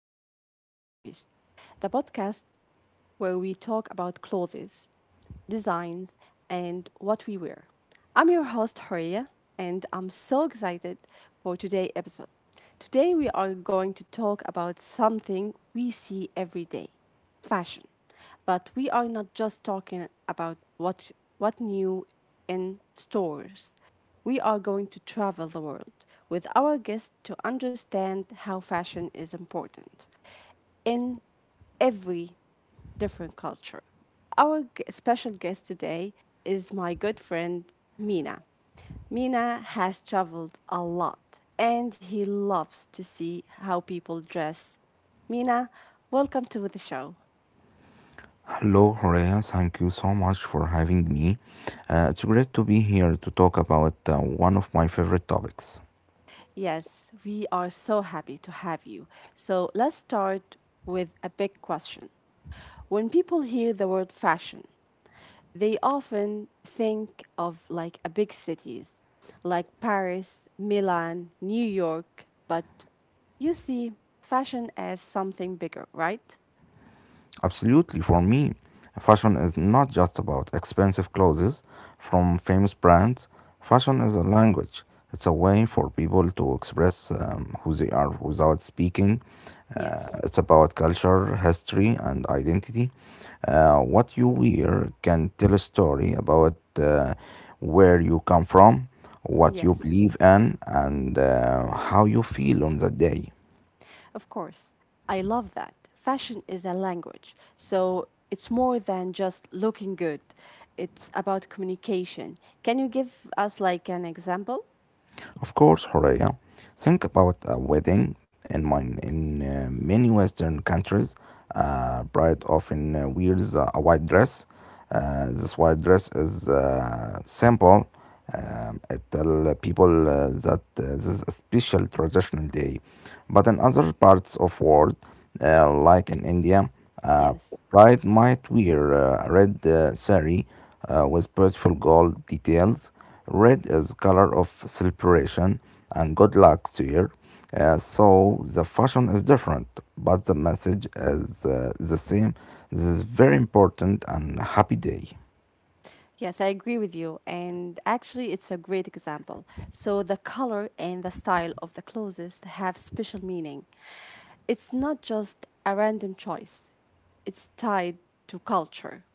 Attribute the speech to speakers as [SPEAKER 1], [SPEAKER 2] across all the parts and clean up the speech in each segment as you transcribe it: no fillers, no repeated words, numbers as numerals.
[SPEAKER 1] to Style Stories, the podcast where we talk about clothes, designs, and what we wear. I'm your host, Horia, and I'm so excited for today's episode. Today, we are going to talk about something we see every day fashion. But we are not just talking about what new in stores. We are going to travel the world with our guests to understand how fashion is important in every different culture. Our special guest today is my good friend Mina. Mina has traveled a lot and he loves to see how people dress. Mina, welcome to the show.
[SPEAKER 2] Hello, Horea. Thank you so much for having me. It's great to be here to talk about one of my favorite topics.
[SPEAKER 1] Yes, we are so happy to have you. So let's start with a big question. When people hear the word fashion, they often think of like a big cities like Paris, Milan, New York, but you see fashion as something bigger, right?
[SPEAKER 2] Absolutely, for me, fashion is not just about expensive clothes from famous brands. Fashion is a language. It's a way for people to express who they are without speaking.
[SPEAKER 1] Yes.
[SPEAKER 2] It's about culture, history, and identity. What you wear can tell a story about where you come from, what you
[SPEAKER 1] Yes.
[SPEAKER 2] believe in, and how you feel on that day.
[SPEAKER 1] Of course. I love that. Fashion is a language. So it's more than just looking good, it's about communication. Can you give us like an example?
[SPEAKER 2] Of course, Horea. Think about a wedding in mine in many Western countries. Bride often wears a white dress. This white dress is simple. It tell people that this is a special traditional day. But in other parts of world, like in India, uh,
[SPEAKER 1] Yes.
[SPEAKER 2] bride might wear red sari with beautiful gold details. Red is color of celebration and good luck to you. So the fashion is different, but the message is the same. This is very important and happy day.
[SPEAKER 1] Yes, I agree with you. And actually, it's a great example. So, the color and the style of the clothes have special meaning. It's not just a random choice, it's tied to culture.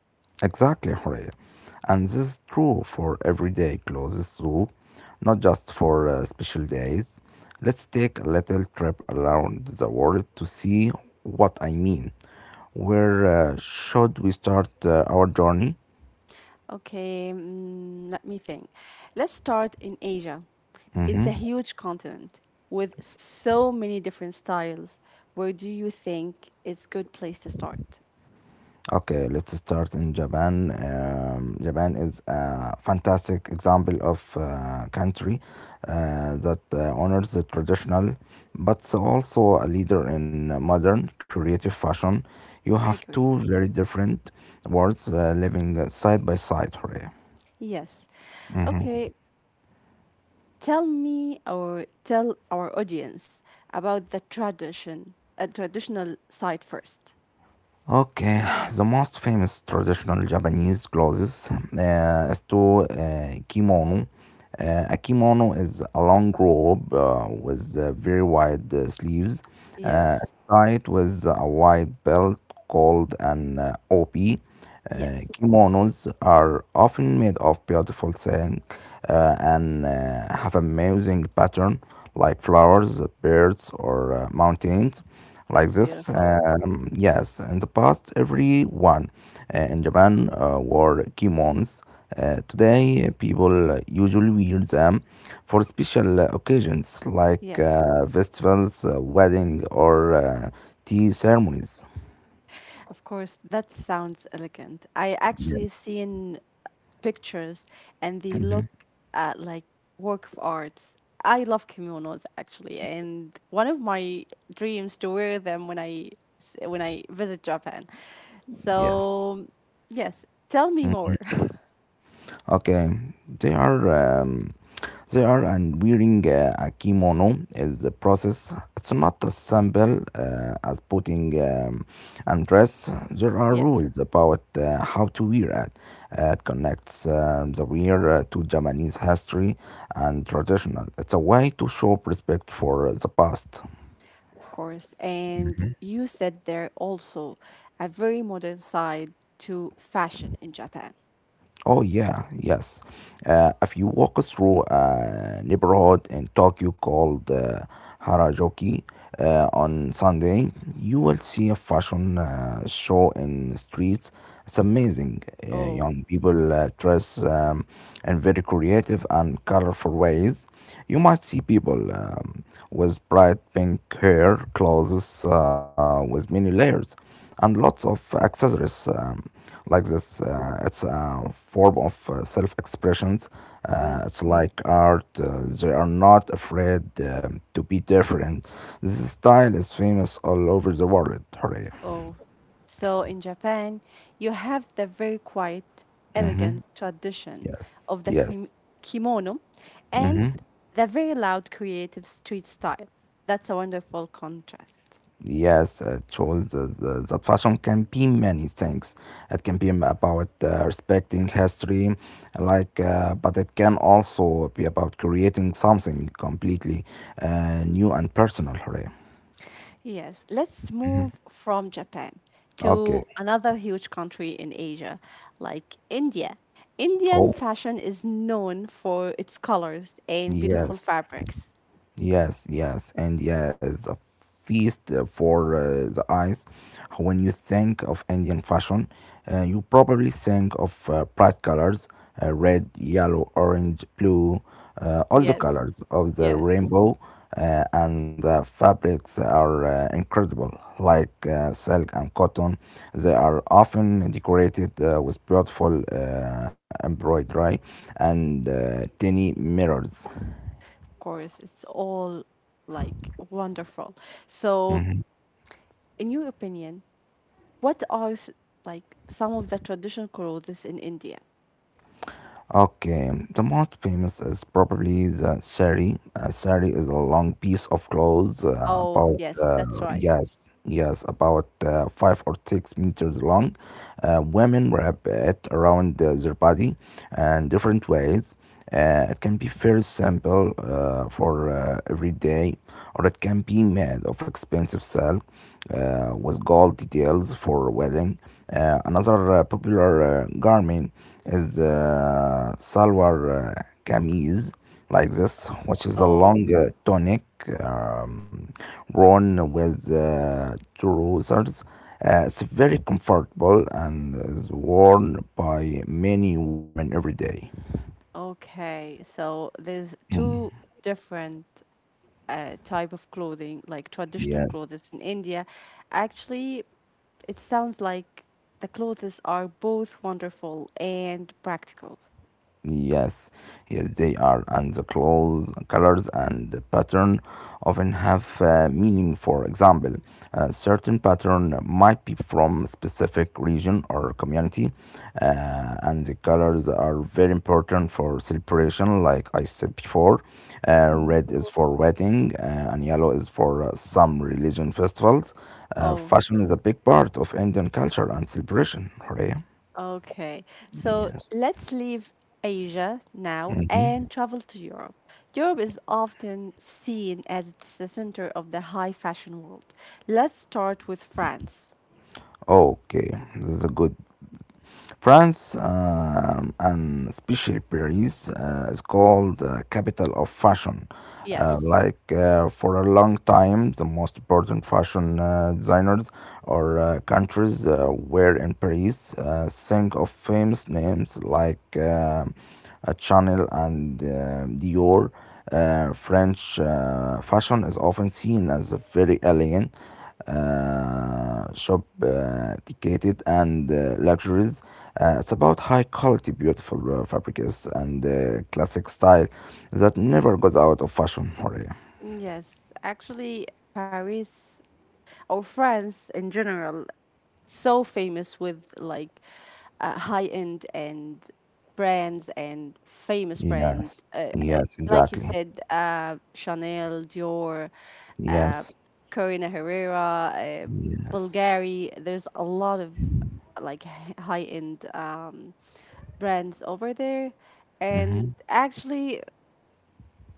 [SPEAKER 2] Exactly, Horea. And this is true for everyday clothes too, not just for special days. Let's take a little trip around the world to see what I mean. Where should we start our journey?
[SPEAKER 1] Okay, let me think. Let's start in Asia. It's a
[SPEAKER 2] Mm-hmm.
[SPEAKER 1] huge continent with so many different styles. Where do you think is good place to start?
[SPEAKER 2] Okay, let's start in Japan. Japan is a fantastic example of country that honors the traditional, but it's also a leader in modern creative fashion. You have
[SPEAKER 1] I
[SPEAKER 2] two
[SPEAKER 1] agree.
[SPEAKER 2] very different worlds living side by side. Hooray.
[SPEAKER 1] Yes.
[SPEAKER 2] Mhm.
[SPEAKER 1] Okay, tell me or tell our audience about the tradition, a traditional site first.
[SPEAKER 2] Okay, the most famous traditional Japanese clothes is to kimono. A kimono is a long robe with very wide sleeves, uh,
[SPEAKER 1] Yes.
[SPEAKER 2] tied with a wide belt called an obi.
[SPEAKER 1] Yes.
[SPEAKER 2] Kimonos are often made of beautiful silk and have amazing pattern like flowers, birds, or mountains. Like
[SPEAKER 1] That's
[SPEAKER 2] this,
[SPEAKER 1] beautiful.
[SPEAKER 2] yes. In the past, everyone in Japan wore kimonos. Today, people usually wear them for special occasions like
[SPEAKER 1] Yes.
[SPEAKER 2] festivals, wedding, or tea ceremonies.
[SPEAKER 1] Of course, that sounds elegant. I actually
[SPEAKER 2] Yes.
[SPEAKER 1] seen pictures and they look
[SPEAKER 2] Mhm.
[SPEAKER 1] at like work of arts. I love kimonos actually, and one of my dreams to wear them when when I visit Japan.
[SPEAKER 2] Yes.
[SPEAKER 1] So yes, tell me
[SPEAKER 2] Mm-hmm.
[SPEAKER 1] more.
[SPEAKER 2] Okay, they are um, they are and wearing a kimono is the process. It's not as simple as putting and dress. There are
[SPEAKER 1] Yes,
[SPEAKER 2] rules about how to wear it. It connects the wear to Japanese history and traditional. It's a way to show respect for the past.
[SPEAKER 1] of course. And you said there also a very modern side to fashion in Japan.
[SPEAKER 2] Oh yeah, yes. If you walk through a neighborhood in Tokyo called Harajuku on Sunday, you will see a fashion show in the streets. It's amazing. Young
[SPEAKER 1] Oh,
[SPEAKER 2] people dress in very creative and colorful ways. You might see people with bright pink hair, clothes with many layers and lots of accessories like
[SPEAKER 1] mm,
[SPEAKER 2] this. It's a form of self expressions.
[SPEAKER 1] mm.
[SPEAKER 2] It's like art. They are not afraid to be different. This style is famous all over the world. Hooray.
[SPEAKER 1] Oh, so in Japan, you have the very quiet,
[SPEAKER 2] Mm-hmm.
[SPEAKER 1] elegant tradition
[SPEAKER 2] Yes.
[SPEAKER 1] of the
[SPEAKER 2] Yes.
[SPEAKER 1] kimono and
[SPEAKER 2] Mm-hmm.
[SPEAKER 1] the very loud, creative street style. That's a wonderful contrast.
[SPEAKER 2] Yes, chose that fashion can be many things. It can be about respecting history, like, but it can also be about creating something completely new and personal. Hooray.
[SPEAKER 1] Yes, let's
[SPEAKER 2] Mhm.
[SPEAKER 1] move from Japan to
[SPEAKER 2] Okay.
[SPEAKER 1] another huge country in Asia, like India. Indian
[SPEAKER 2] Oh,
[SPEAKER 1] fashion is known for its colors and beautiful
[SPEAKER 2] yes.
[SPEAKER 1] fabrics.
[SPEAKER 2] Yes, yes, and yes, a feast for the eyes. When you think of Indian fashion, you probably think of bright colors, red, yellow, orange, blue, all the
[SPEAKER 1] Yes,
[SPEAKER 2] colors of the
[SPEAKER 1] yes.
[SPEAKER 2] rainbow, and the fabrics are incredible, like silk and cotton. They are often decorated with beautiful embroidery and tiny mirrors.
[SPEAKER 1] course, it's all like wonderful. So,
[SPEAKER 2] Mm-hmm.
[SPEAKER 1] in your opinion, what like some of the traditional clothes in India?
[SPEAKER 2] Okay, the most famous is probably the sari. Sari is a long piece of clothes,
[SPEAKER 1] Oh, yes, that's right.
[SPEAKER 2] yes, yes, about 5 or 6 meters long. Women wrap it around their body and different ways. It can be very simple for every day, or it can be made of expensive silk with gold details for wedding. Another popular garment is the salwar kameez, like this, which is a
[SPEAKER 1] Oh,
[SPEAKER 2] long tunic um, worn with trousers. It's very comfortable and is worn by many women every day.
[SPEAKER 1] okay. So there's
[SPEAKER 2] Mm.
[SPEAKER 1] two different type of clothing, like traditional
[SPEAKER 2] Yes.
[SPEAKER 1] clothes in India. Actually, it sounds like the clothes are both wonderful and practical.
[SPEAKER 2] Yes, yes, they are, and the clothes, colors, and the pattern often have meaning. For example, a certain pattern might be from a specific region or community, and the colors are very important for celebration. Like I said before,
[SPEAKER 1] Mm-hmm.
[SPEAKER 2] red is for wedding, and yellow is for some religion festivals.
[SPEAKER 1] Oh,
[SPEAKER 2] Fashion is a big part of Indian culture and celebration. Horea.
[SPEAKER 1] okay, so
[SPEAKER 2] Yes.
[SPEAKER 1] let's leave Asia now
[SPEAKER 2] Hmm.
[SPEAKER 1] and travel to Europe. Europe is often seen as it's the center of the high fashion world. Let's start with France.
[SPEAKER 2] Okay, this is good. France, and especially Paris, is called capital of fashion.
[SPEAKER 1] Yes,
[SPEAKER 2] Like for a long time, the most important fashion designers or countries were in Paris. Think of famous names like Chanel and Dior. French fashion is often seen as a very elegant shop dedicated and luxuries. It's about high quality, beautiful fabrics and classic style that never goes out of fashion. Horia.
[SPEAKER 1] yes, actually, Paris or France in general, so famous with like high end and brands and famous brand,
[SPEAKER 2] Yes, yes,
[SPEAKER 1] like you
[SPEAKER 2] exactly.
[SPEAKER 1] said, Chanel, Dior, uh,
[SPEAKER 2] Yes,
[SPEAKER 1] Corina Herrera,
[SPEAKER 2] yes.
[SPEAKER 1] Bulgari. There's a lot of like high end brands over there,
[SPEAKER 2] Mm-hmm.
[SPEAKER 1] and actually,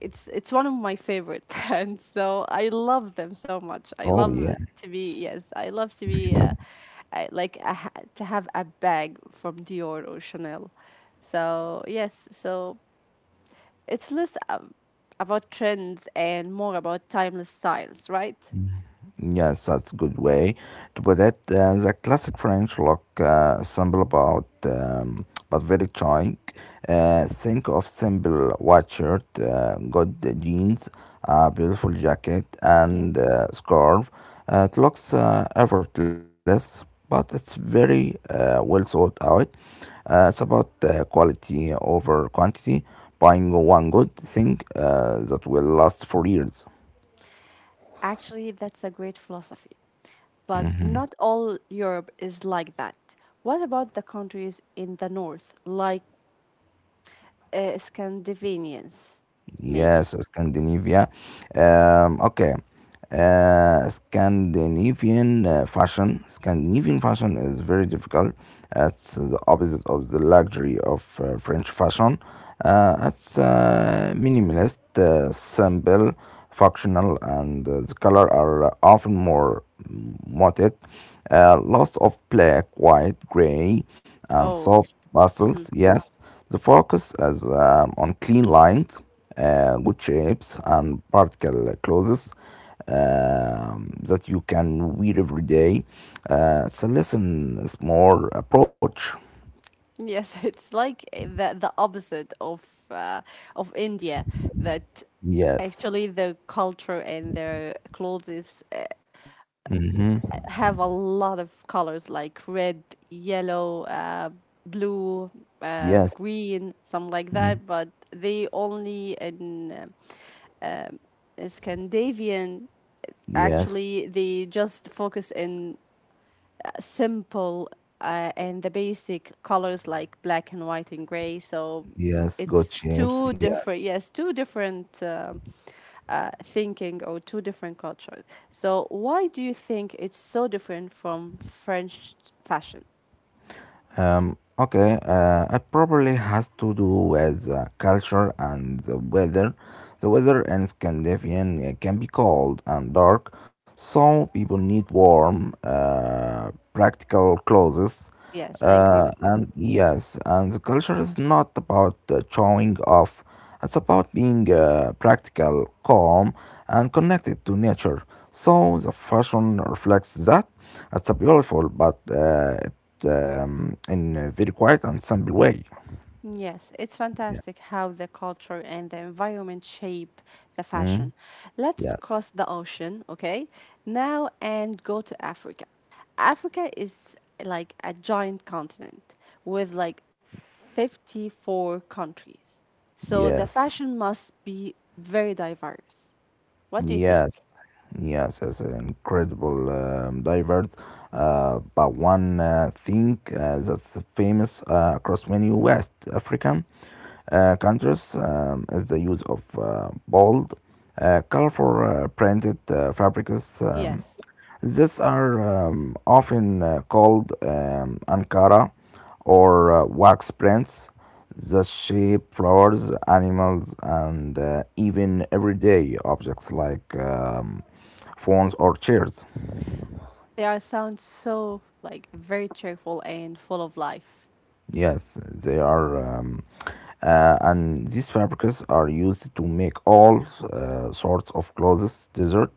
[SPEAKER 1] it's one of my favorite brands. So I love them so much. I
[SPEAKER 2] Oh, yeah.
[SPEAKER 1] love to be yes, I love to be I, like a, to have a bag from Dior or Chanel. So yes, so it's less about trends and more about timeless styles, right?
[SPEAKER 2] Yes, that's a good way to put it. The classic French look simple about but very charming. Think of simple white shirt, good jeans, a beautiful jacket,
[SPEAKER 1] Yes.
[SPEAKER 2] and scarf. It looks effortless, but it's very well thought out. It's about quality over quantity, buying one good thing that will last for years.
[SPEAKER 1] Actually, that's a great philosophy, but not all Europe is like that. What about the countries in the north, like Scandinavians, maybe?
[SPEAKER 2] Yes, Scandinavia. Okay. Scandinavian fashion is very difficult. It's the opposite of the luxury of French fashion. It's minimalist, simple, functional, and the color are often more muted. Lots of black, white, gray, and
[SPEAKER 1] Oh,
[SPEAKER 2] soft
[SPEAKER 1] hmm,
[SPEAKER 2] pastels. Yes, the focus is on clean lines good shapes and particle clothes that you can wear every day. It's a lesson, it's more approach.
[SPEAKER 1] yes, it's like the opposite uh, of India. That
[SPEAKER 2] Yes.
[SPEAKER 1] actually their culture and their clothes
[SPEAKER 2] Mm-hmm.
[SPEAKER 1] have a lot of colors like red, yellow, blue,
[SPEAKER 2] Yes.
[SPEAKER 1] green, something like that. But they only in um, um, Scandinavian
[SPEAKER 2] Yes.
[SPEAKER 1] actually they just focus in simple and the basic colors like black and white and gray. So
[SPEAKER 2] Yes.
[SPEAKER 1] it's
[SPEAKER 2] Good shapes.
[SPEAKER 1] two
[SPEAKER 2] Yes.
[SPEAKER 1] different, yes, two different thinking or two different cultures. So why do you think it's so different from French fashion?
[SPEAKER 2] Okay, it probably has to do with culture and the weather. The weather in Scandinavian can be cold and dark, so people need warm, practical clothes.
[SPEAKER 1] Yes, I agree with you.
[SPEAKER 2] And yes, and the culture is not about showing off. It's about being practical, calm, and connected to nature. So the fashion reflects that. It's a beautiful, but in a very quiet and simple way.
[SPEAKER 1] Yes, it's
[SPEAKER 2] Yeah.
[SPEAKER 1] fantastic how the culture and the environment shape the
[SPEAKER 2] Mm,
[SPEAKER 1] fashion. Let's
[SPEAKER 2] yes.
[SPEAKER 1] cross the ocean, okay? Now and go to Africa. Africa is like a giant continent with like 54 countries. So the
[SPEAKER 2] Yes,
[SPEAKER 1] fashion must be very diverse. What do you think?
[SPEAKER 2] yes, yes, it's incredible, diverse. But one thing that's famous across many West African countries is the use of bold, colorful printed fabrics.
[SPEAKER 1] Yes,
[SPEAKER 2] These are often called Ankara or wax prints. The shape, flowers, animals, and even everyday objects like phones or chairs.
[SPEAKER 1] they are sound so like very cheerful and full of life.
[SPEAKER 2] Yes, they are. And these fabrics are used to make all sorts of clothes, desert,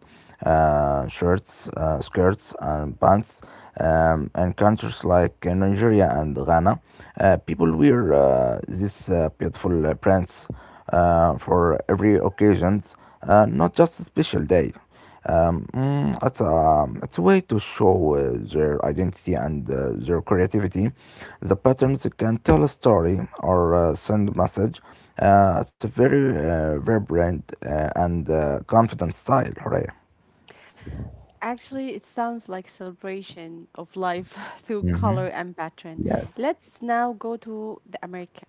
[SPEAKER 2] shirts, skirts, and pants. And countries like Nigeria and Ghana, people wear these beautiful prints for every occasions, not just a special day. It's a way to show their identity and their creativity. The patterns can tell a story or send a message. It's a very vibrant and confident style, Hooray.
[SPEAKER 1] Actually, it sounds like celebration of life through color
[SPEAKER 2] Hmm.
[SPEAKER 1] and pattern.
[SPEAKER 2] Yes.
[SPEAKER 1] Let's now go to the America.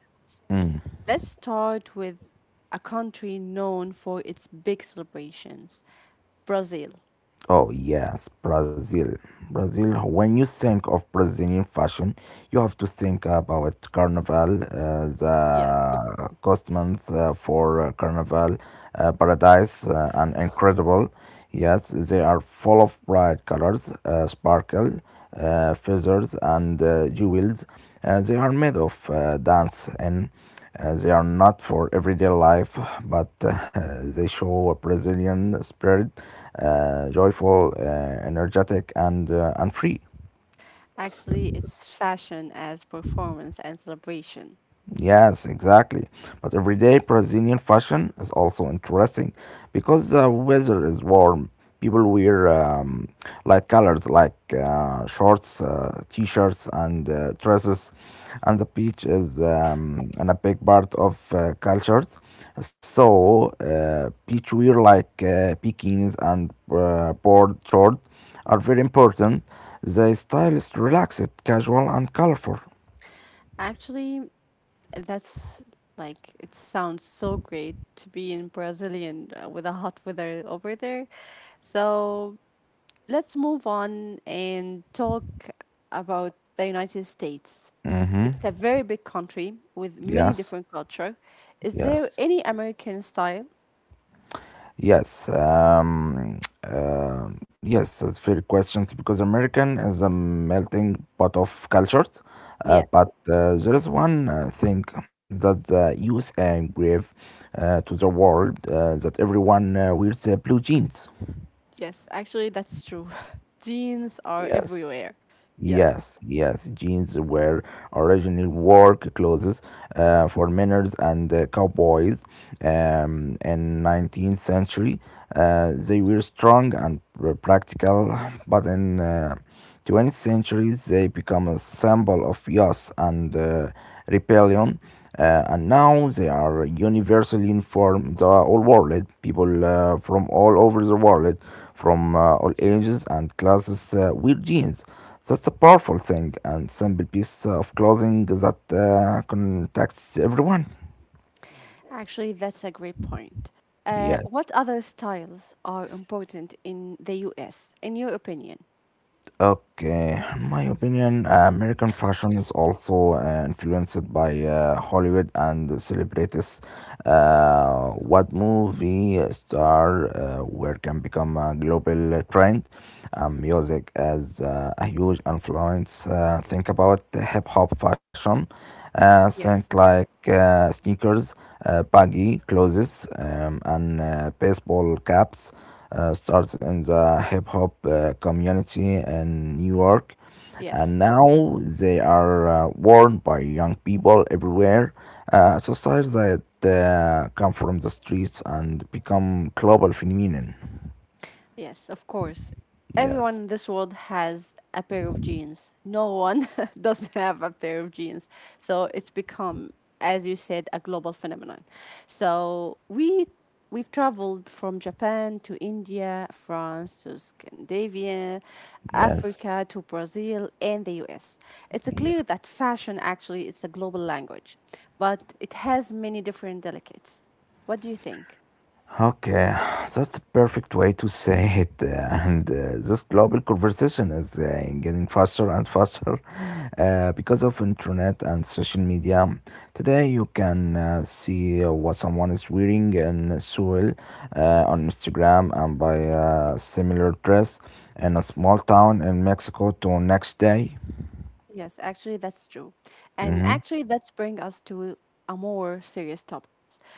[SPEAKER 2] Mm.
[SPEAKER 1] Let's start with a country known for its big celebrations, Brazil.
[SPEAKER 2] Oh, yes, Brazil. Brazil, when you think of Brazilian fashion, you have to think about Carnival,
[SPEAKER 1] Yes.
[SPEAKER 2] the costumes for Carnival Paradise, and incredible. Yes, they are full of bright colors, sparkle, feathers, and jewels. They are made of dance and they are not for everyday life, but they show a Brazilian spirit, joyful, energetic, and free.
[SPEAKER 1] Actually, it's fashion as performance and celebration.
[SPEAKER 2] Yes, exactly. But everyday Brazilian fashion is also interesting because the weather is warm. People wear light colors like shorts, t-shirts, and dresses, and the beach is a big part of cultures. So, beach wear like bikinis and board shorts are very important. The style is relaxed, casual, and colorful.
[SPEAKER 1] Actually, that's like it sounds so great to be in Brazilian with the hot weather over there. So let's move on and talk about the United States.
[SPEAKER 2] Mm-hmm.
[SPEAKER 1] It's a very big country with many
[SPEAKER 2] Yes.
[SPEAKER 1] different culture. Is there
[SPEAKER 2] Yes,
[SPEAKER 1] any American style?
[SPEAKER 2] yes, um, yes, fair questions because American is a melting pot of cultures. Uh,
[SPEAKER 1] Yeah.
[SPEAKER 2] but uh, there is one thing that the USA gave to the world that everyone wears blue jeans.
[SPEAKER 1] Yes, actually that's true. Jeans are
[SPEAKER 2] Yes.
[SPEAKER 1] everywhere. Yes.
[SPEAKER 2] Yes, yes, jeans were originally work clothes for miners and cowboys in 19th century. They were strong and were practical, but in 20th century they become a symbol of youth and rebellion and now they are universally informed the whole world eh? People From all over the world eh? From all ages and classes wear jeans. That's a powerful thing and simple piece of clothing that contacts everyone.
[SPEAKER 1] Actually, that's a great point.
[SPEAKER 2] Yes.
[SPEAKER 1] What other styles are important in the US, in your opinion?
[SPEAKER 2] Okay, my opinion, American fashion is also influenced by Hollywood and celebrities. What movie star where can become a global trend? Music as a huge influence. Think about hip hop fashion.
[SPEAKER 1] Yes.
[SPEAKER 2] Think like sneakers, baggy clothes, and baseball caps started in the hip hop community in New York, and
[SPEAKER 1] Yes.
[SPEAKER 2] now they are worn by young people everywhere. So styles that come from the streets and become global phenomenon.
[SPEAKER 1] Yes, of course. Everyone
[SPEAKER 2] Yes,
[SPEAKER 1] in this world has a pair of jeans. No one doesn't have a pair of jeans. So it's become, as you said, a global phenomenon. So we've traveled from Japan to India, France to Scandinavia,
[SPEAKER 2] yes,
[SPEAKER 1] Africa to Brazil and the US. It's
[SPEAKER 2] yes.
[SPEAKER 1] clear that fashion actually is a global language, but it has many different delicates. What do you think?
[SPEAKER 2] Okay, that's the perfect way to say it. And this global conversation is getting faster and faster because of internet and social media. Today, you can see what someone is wearing in Seoul on Instagram and buy a similar dress in a small town in Mexico to next day.
[SPEAKER 1] Yes, actually, that's true. And
[SPEAKER 2] Hmm.
[SPEAKER 1] actually, that's bring us to a more serious topic.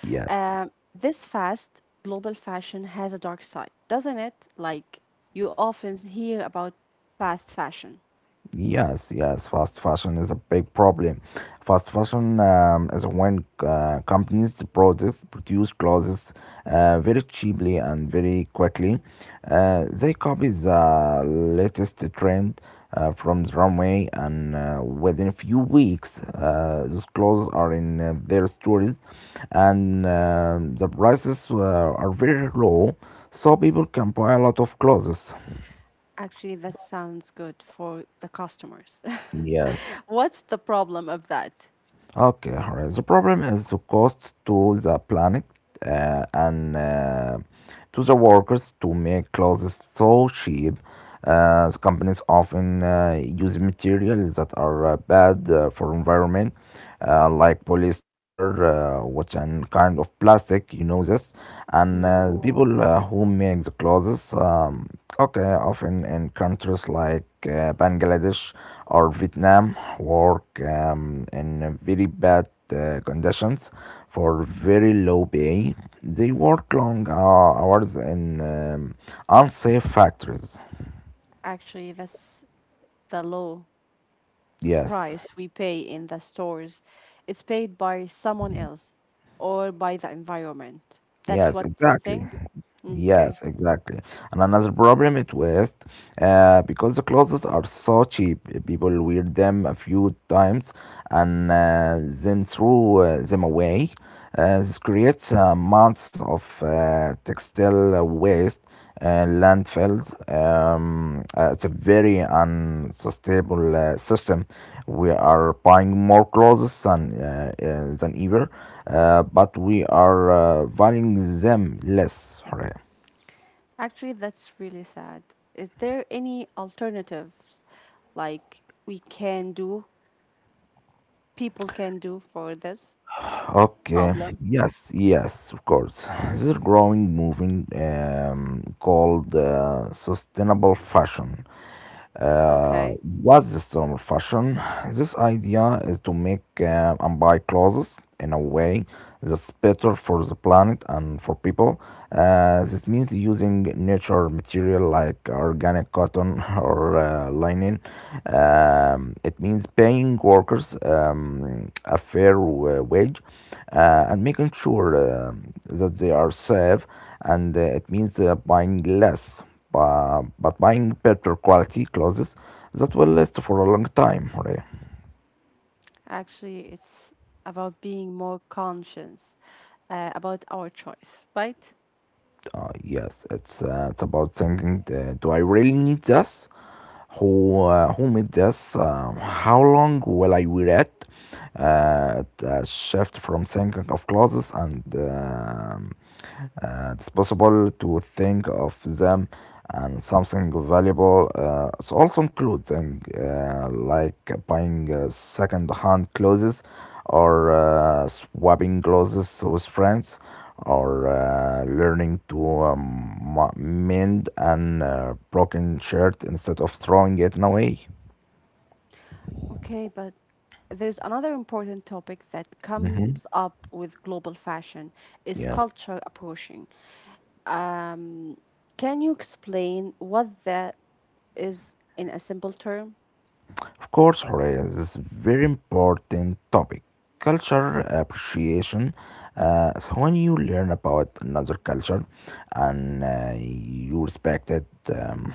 [SPEAKER 2] Yes.
[SPEAKER 1] This fast global fashion has a dark side, doesn't it? Like, you often hear about fast fashion.
[SPEAKER 2] Yes, yes, fast fashion is a big problem. Fast fashion is when companies products produce clothes very cheaply and very quickly. They copy the latest trend from the runway, and within a few weeks, those clothes are in their stores, and the prices are very low, so people can buy a lot of clothes.
[SPEAKER 1] Actually, that sounds good for the customers.
[SPEAKER 2] Yes.
[SPEAKER 1] What's the problem of that?
[SPEAKER 2] Okay, alright. The problem is the cost to the planet and to the workers to make clothes so cheap. The companies often use materials that are bad for environment, like polyester, which an kind of plastic. You know this, and
[SPEAKER 1] Mm,
[SPEAKER 2] the people who make the clothes, okay, often in countries like Bangladesh or Vietnam work in very bad conditions for very low pay. They work long hours in unsafe factories.
[SPEAKER 1] actually, that's the law.
[SPEAKER 2] Yes.
[SPEAKER 1] Price we pay in the stores is paid by someone else or by the environment. That's
[SPEAKER 2] Yes,
[SPEAKER 1] what you
[SPEAKER 2] exactly.
[SPEAKER 1] think?
[SPEAKER 2] Yes,
[SPEAKER 1] Okay.
[SPEAKER 2] exactly. And another problem it was because the clothes are so cheap, people wear them a few times and then throw them away. This creates amounts of textile waste landfills. It's a very unsustainable system. We are buying more clothes than ever, but we are valuing them less. Hooray.
[SPEAKER 1] Actually, that's really sad. Is there any alternatives like we can do, people can do for this
[SPEAKER 2] Okay.
[SPEAKER 1] problem?
[SPEAKER 2] Yes, yes, of course. This is growing movement called sustainable fashion. Uh,
[SPEAKER 1] Okay.
[SPEAKER 2] what's the storm of fashion? This idea is to make and buy clothes in a way that's better for the planet and for people. This means using natural material like organic cotton or linen. It means paying workers a wage and making sure that they are safe. And it means buying less but buying better quality clothes that will last for a long time. Right?
[SPEAKER 1] Actually, it's about being more conscious about our choice, right?
[SPEAKER 2] Yes, it's about thinking: do I really need this? Who made this? How long will I wear it? Shift from thinking of clothes and it's possible to think of them and something valuable. It also includes and like buying second-hand clothes or swapping clothes with friends, or learning to mend an broken shirt instead of throwing it away.
[SPEAKER 1] Okay, but there's another important topic that
[SPEAKER 2] Hmm.
[SPEAKER 1] comes up with global fashion is
[SPEAKER 2] Yes.
[SPEAKER 1] cultural approaching. Um, can you explain what that is in a simple term?
[SPEAKER 2] Of course, Horea, this is very important topic. Culture appreciation. So when you learn about another culture and you respect it. Um,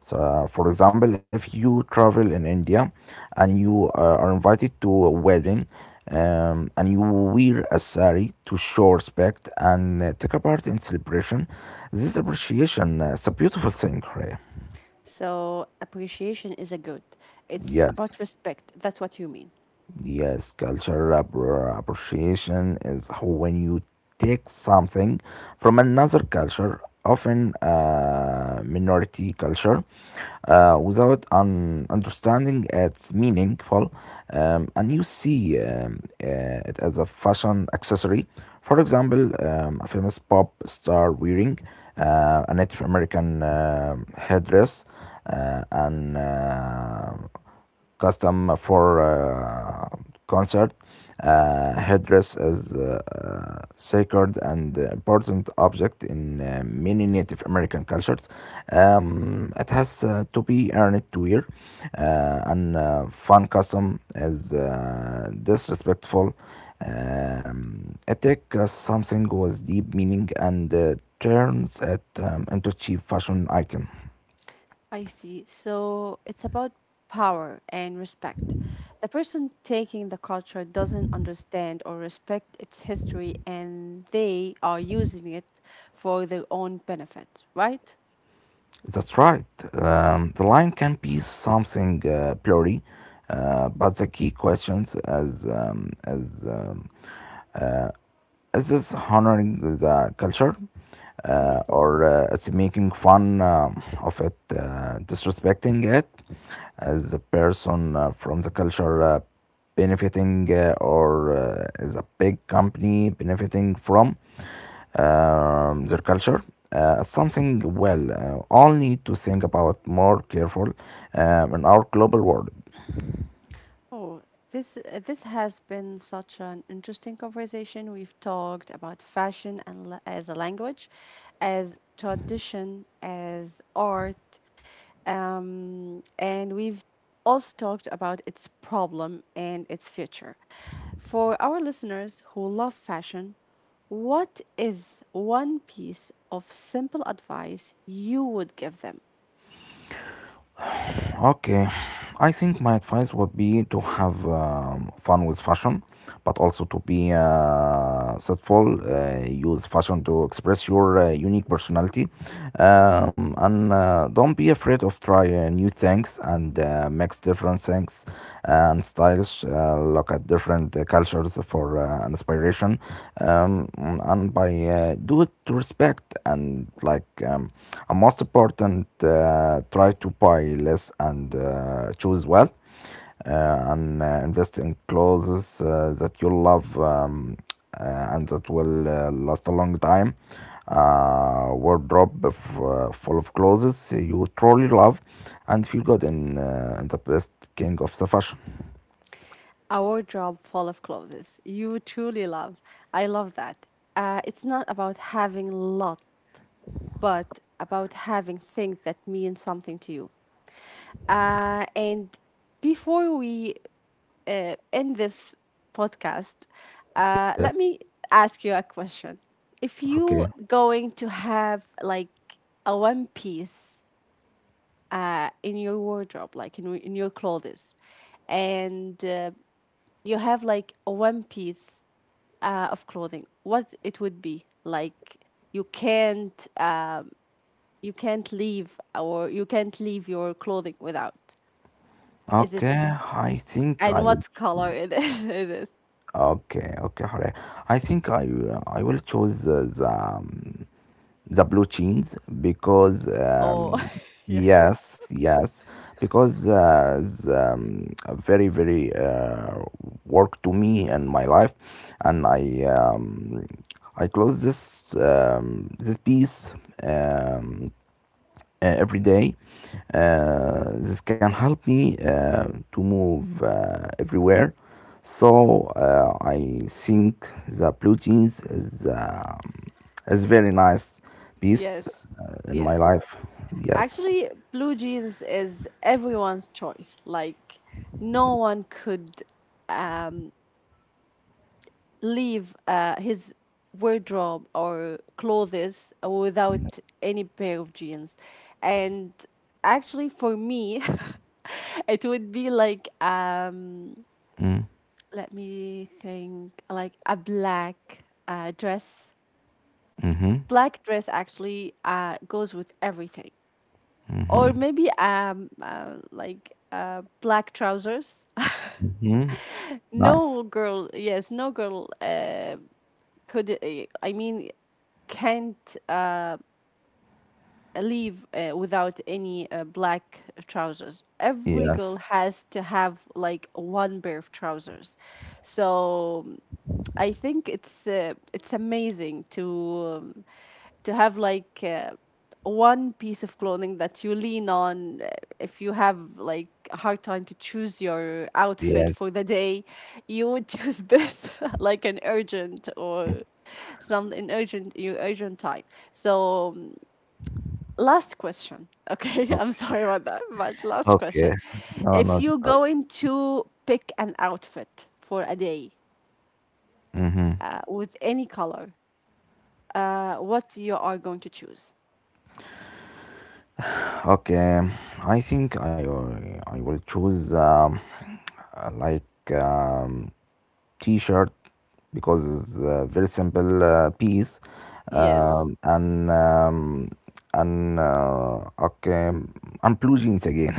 [SPEAKER 2] so for example, if you travel in India and you are invited to a wedding and you wear a sari to show respect and take a part in celebration, this is appreciation. Uh, it's a beautiful thing, Horea.
[SPEAKER 1] So appreciation is a good. It's
[SPEAKER 2] Yes.
[SPEAKER 1] about respect. That's what you mean.
[SPEAKER 2] Yes, appreciation is when you take something from another culture, often minority culture, without understanding its meaningful, and you see it as a fashion accessory. For example, a famous pop star wearing a Native American headdress and custom for concert. Headdress is a sacred and important object in many Native American cultures. It has to be earned to wear. And fun custom is disrespectful. It takes something with deep meaning and turns it into cheap fashion item.
[SPEAKER 1] I see. So it's about power and respect. The person taking the culture doesn't understand or respect its history and they are using it for their own benefit, right?
[SPEAKER 2] That's right. The line can be something blurry, but the key questions as um, uh, is this honoring the culture,
[SPEAKER 1] Yes.
[SPEAKER 2] or it's making fun of it, disrespecting it, as a person from the culture benefiting or as a big company benefiting from their culture. Something well, all need to think about more careful in our global world.
[SPEAKER 1] Oh, this this has been such an interesting conversation. We've talked about fashion and as a language, as tradition, as art, and we've also talked about its problem and its future. For our listeners who love fashion, what is one piece of simple advice you would give them?
[SPEAKER 2] Okay, I think my advice would be to have fun with fashion, but also to be thoughtful. Use fashion to express your unique personality, and don't be afraid of try new things and mix different things and styles. Look at different cultures for inspiration, um, and by do it respect and like and most important try to buy less and choose well and invest in clothes that you love uh, and that will last a long time wardrobe of, full of clothes you truly love and feel good in the best king of the fashion.
[SPEAKER 1] A wardrobe full of clothes you truly love. I love that. It's not about having a lot, but about having things that mean something to you. And before we end this podcast,
[SPEAKER 2] Yes.
[SPEAKER 1] let me ask you a question. If
[SPEAKER 2] Okay.
[SPEAKER 1] you going to have like a one piece in your wardrobe, like in your clothes, and you have like a one piece of clothing what it would be like you can't um, you can't leave or you can't leave your clothing without is it
[SPEAKER 2] okay i think i
[SPEAKER 1] and
[SPEAKER 2] will
[SPEAKER 1] what color it is it is
[SPEAKER 2] Okay, okay, alright. I think I will choose the blue jeans because
[SPEAKER 1] oh yeah
[SPEAKER 2] yes, yes, because very very work to me and my life, and I close this this piece. Um, every day. This can help me to move everywhere. So I think the blue jeans is very nice piece
[SPEAKER 1] yes
[SPEAKER 2] in my
[SPEAKER 1] yes
[SPEAKER 2] life. Yes.
[SPEAKER 1] actually blue jeans is everyone's choice like no one could um leave his wardrobe or clothes without any pair of jeans. And actually, for me, it would be like
[SPEAKER 2] Mm.
[SPEAKER 1] let me think like a black dress
[SPEAKER 2] Mm-hmm.
[SPEAKER 1] black dress actually goes with everything or maybe like black trousers.
[SPEAKER 2] Mm-hmm. Nice.
[SPEAKER 1] No girl yes no girl could I mean can't leave without any black trousers. Every girl
[SPEAKER 2] Yes.
[SPEAKER 1] has to have like one pair of trousers. So I think it's amazing to have like one piece of clothing that you lean on if you have like a hard time to choose your outfit for
[SPEAKER 2] Yes.
[SPEAKER 1] the day you would choose this like an urgent or some an urgent your urgent time so last question okay I'm
[SPEAKER 2] Okay.
[SPEAKER 1] sorry about that but last question
[SPEAKER 2] Okay. No,
[SPEAKER 1] if
[SPEAKER 2] not at
[SPEAKER 1] you're
[SPEAKER 2] all.
[SPEAKER 1] going to pick an outfit for a day
[SPEAKER 2] Mm-hmm.
[SPEAKER 1] with any color what you are going to choose
[SPEAKER 2] Okay, I think I will choose uh, like um, T-shirt because it's a very simple piece,
[SPEAKER 1] yes
[SPEAKER 2] um, and um, and okay, am blue jeans again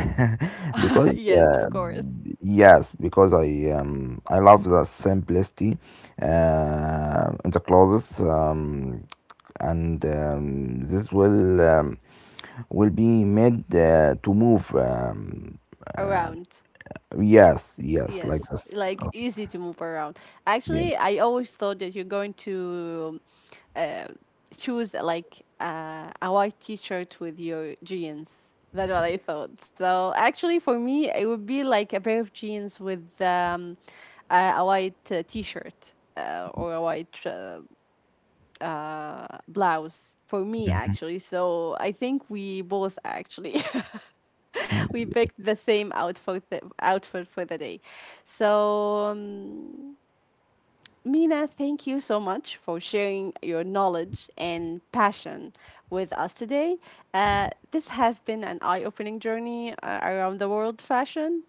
[SPEAKER 2] because
[SPEAKER 1] yes of course
[SPEAKER 2] yes, because I love the simplicity in the clothes, and this will be made to move.
[SPEAKER 1] around
[SPEAKER 2] Yes, yes, like
[SPEAKER 1] yes
[SPEAKER 2] this.
[SPEAKER 1] like
[SPEAKER 2] Okay,
[SPEAKER 1] easy to move around
[SPEAKER 2] yeah.
[SPEAKER 1] actually I always thought that you're going to uh, choose like a white t-shirt with your jeans. That's what I thought. So actually, for me, it would be like a pair of jeans with a white t-shirt or a white blouse for me actually. So I think we both actually
[SPEAKER 2] Hmm?
[SPEAKER 1] we picked the same outfit for the day. So. Mina, thank you so much for sharing your knowledge and passion with us today. This has been an eye opening journey around the world fashion.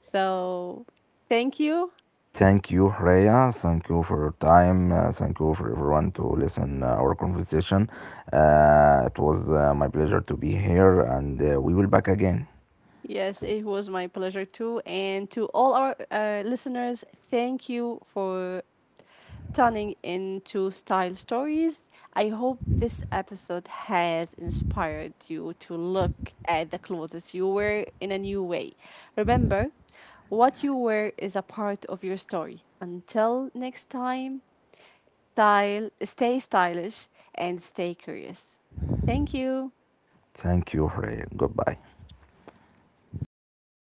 [SPEAKER 1] So, thank you.
[SPEAKER 2] Thank you, Rhea. Thank you for your time. Thank you for everyone to listen our conversation. It was my pleasure to be here, and we will back again.
[SPEAKER 1] Yes, it was my pleasure too. And to all our listeners, thank you for turning into Style Stories. I hope this episode has inspired you to look at the clothes you wear in a new way. Remember, what you wear is a part of your story. Until next time, stay stylish and stay curious. Thank you.
[SPEAKER 2] Thank you, Rhea. Goodbye.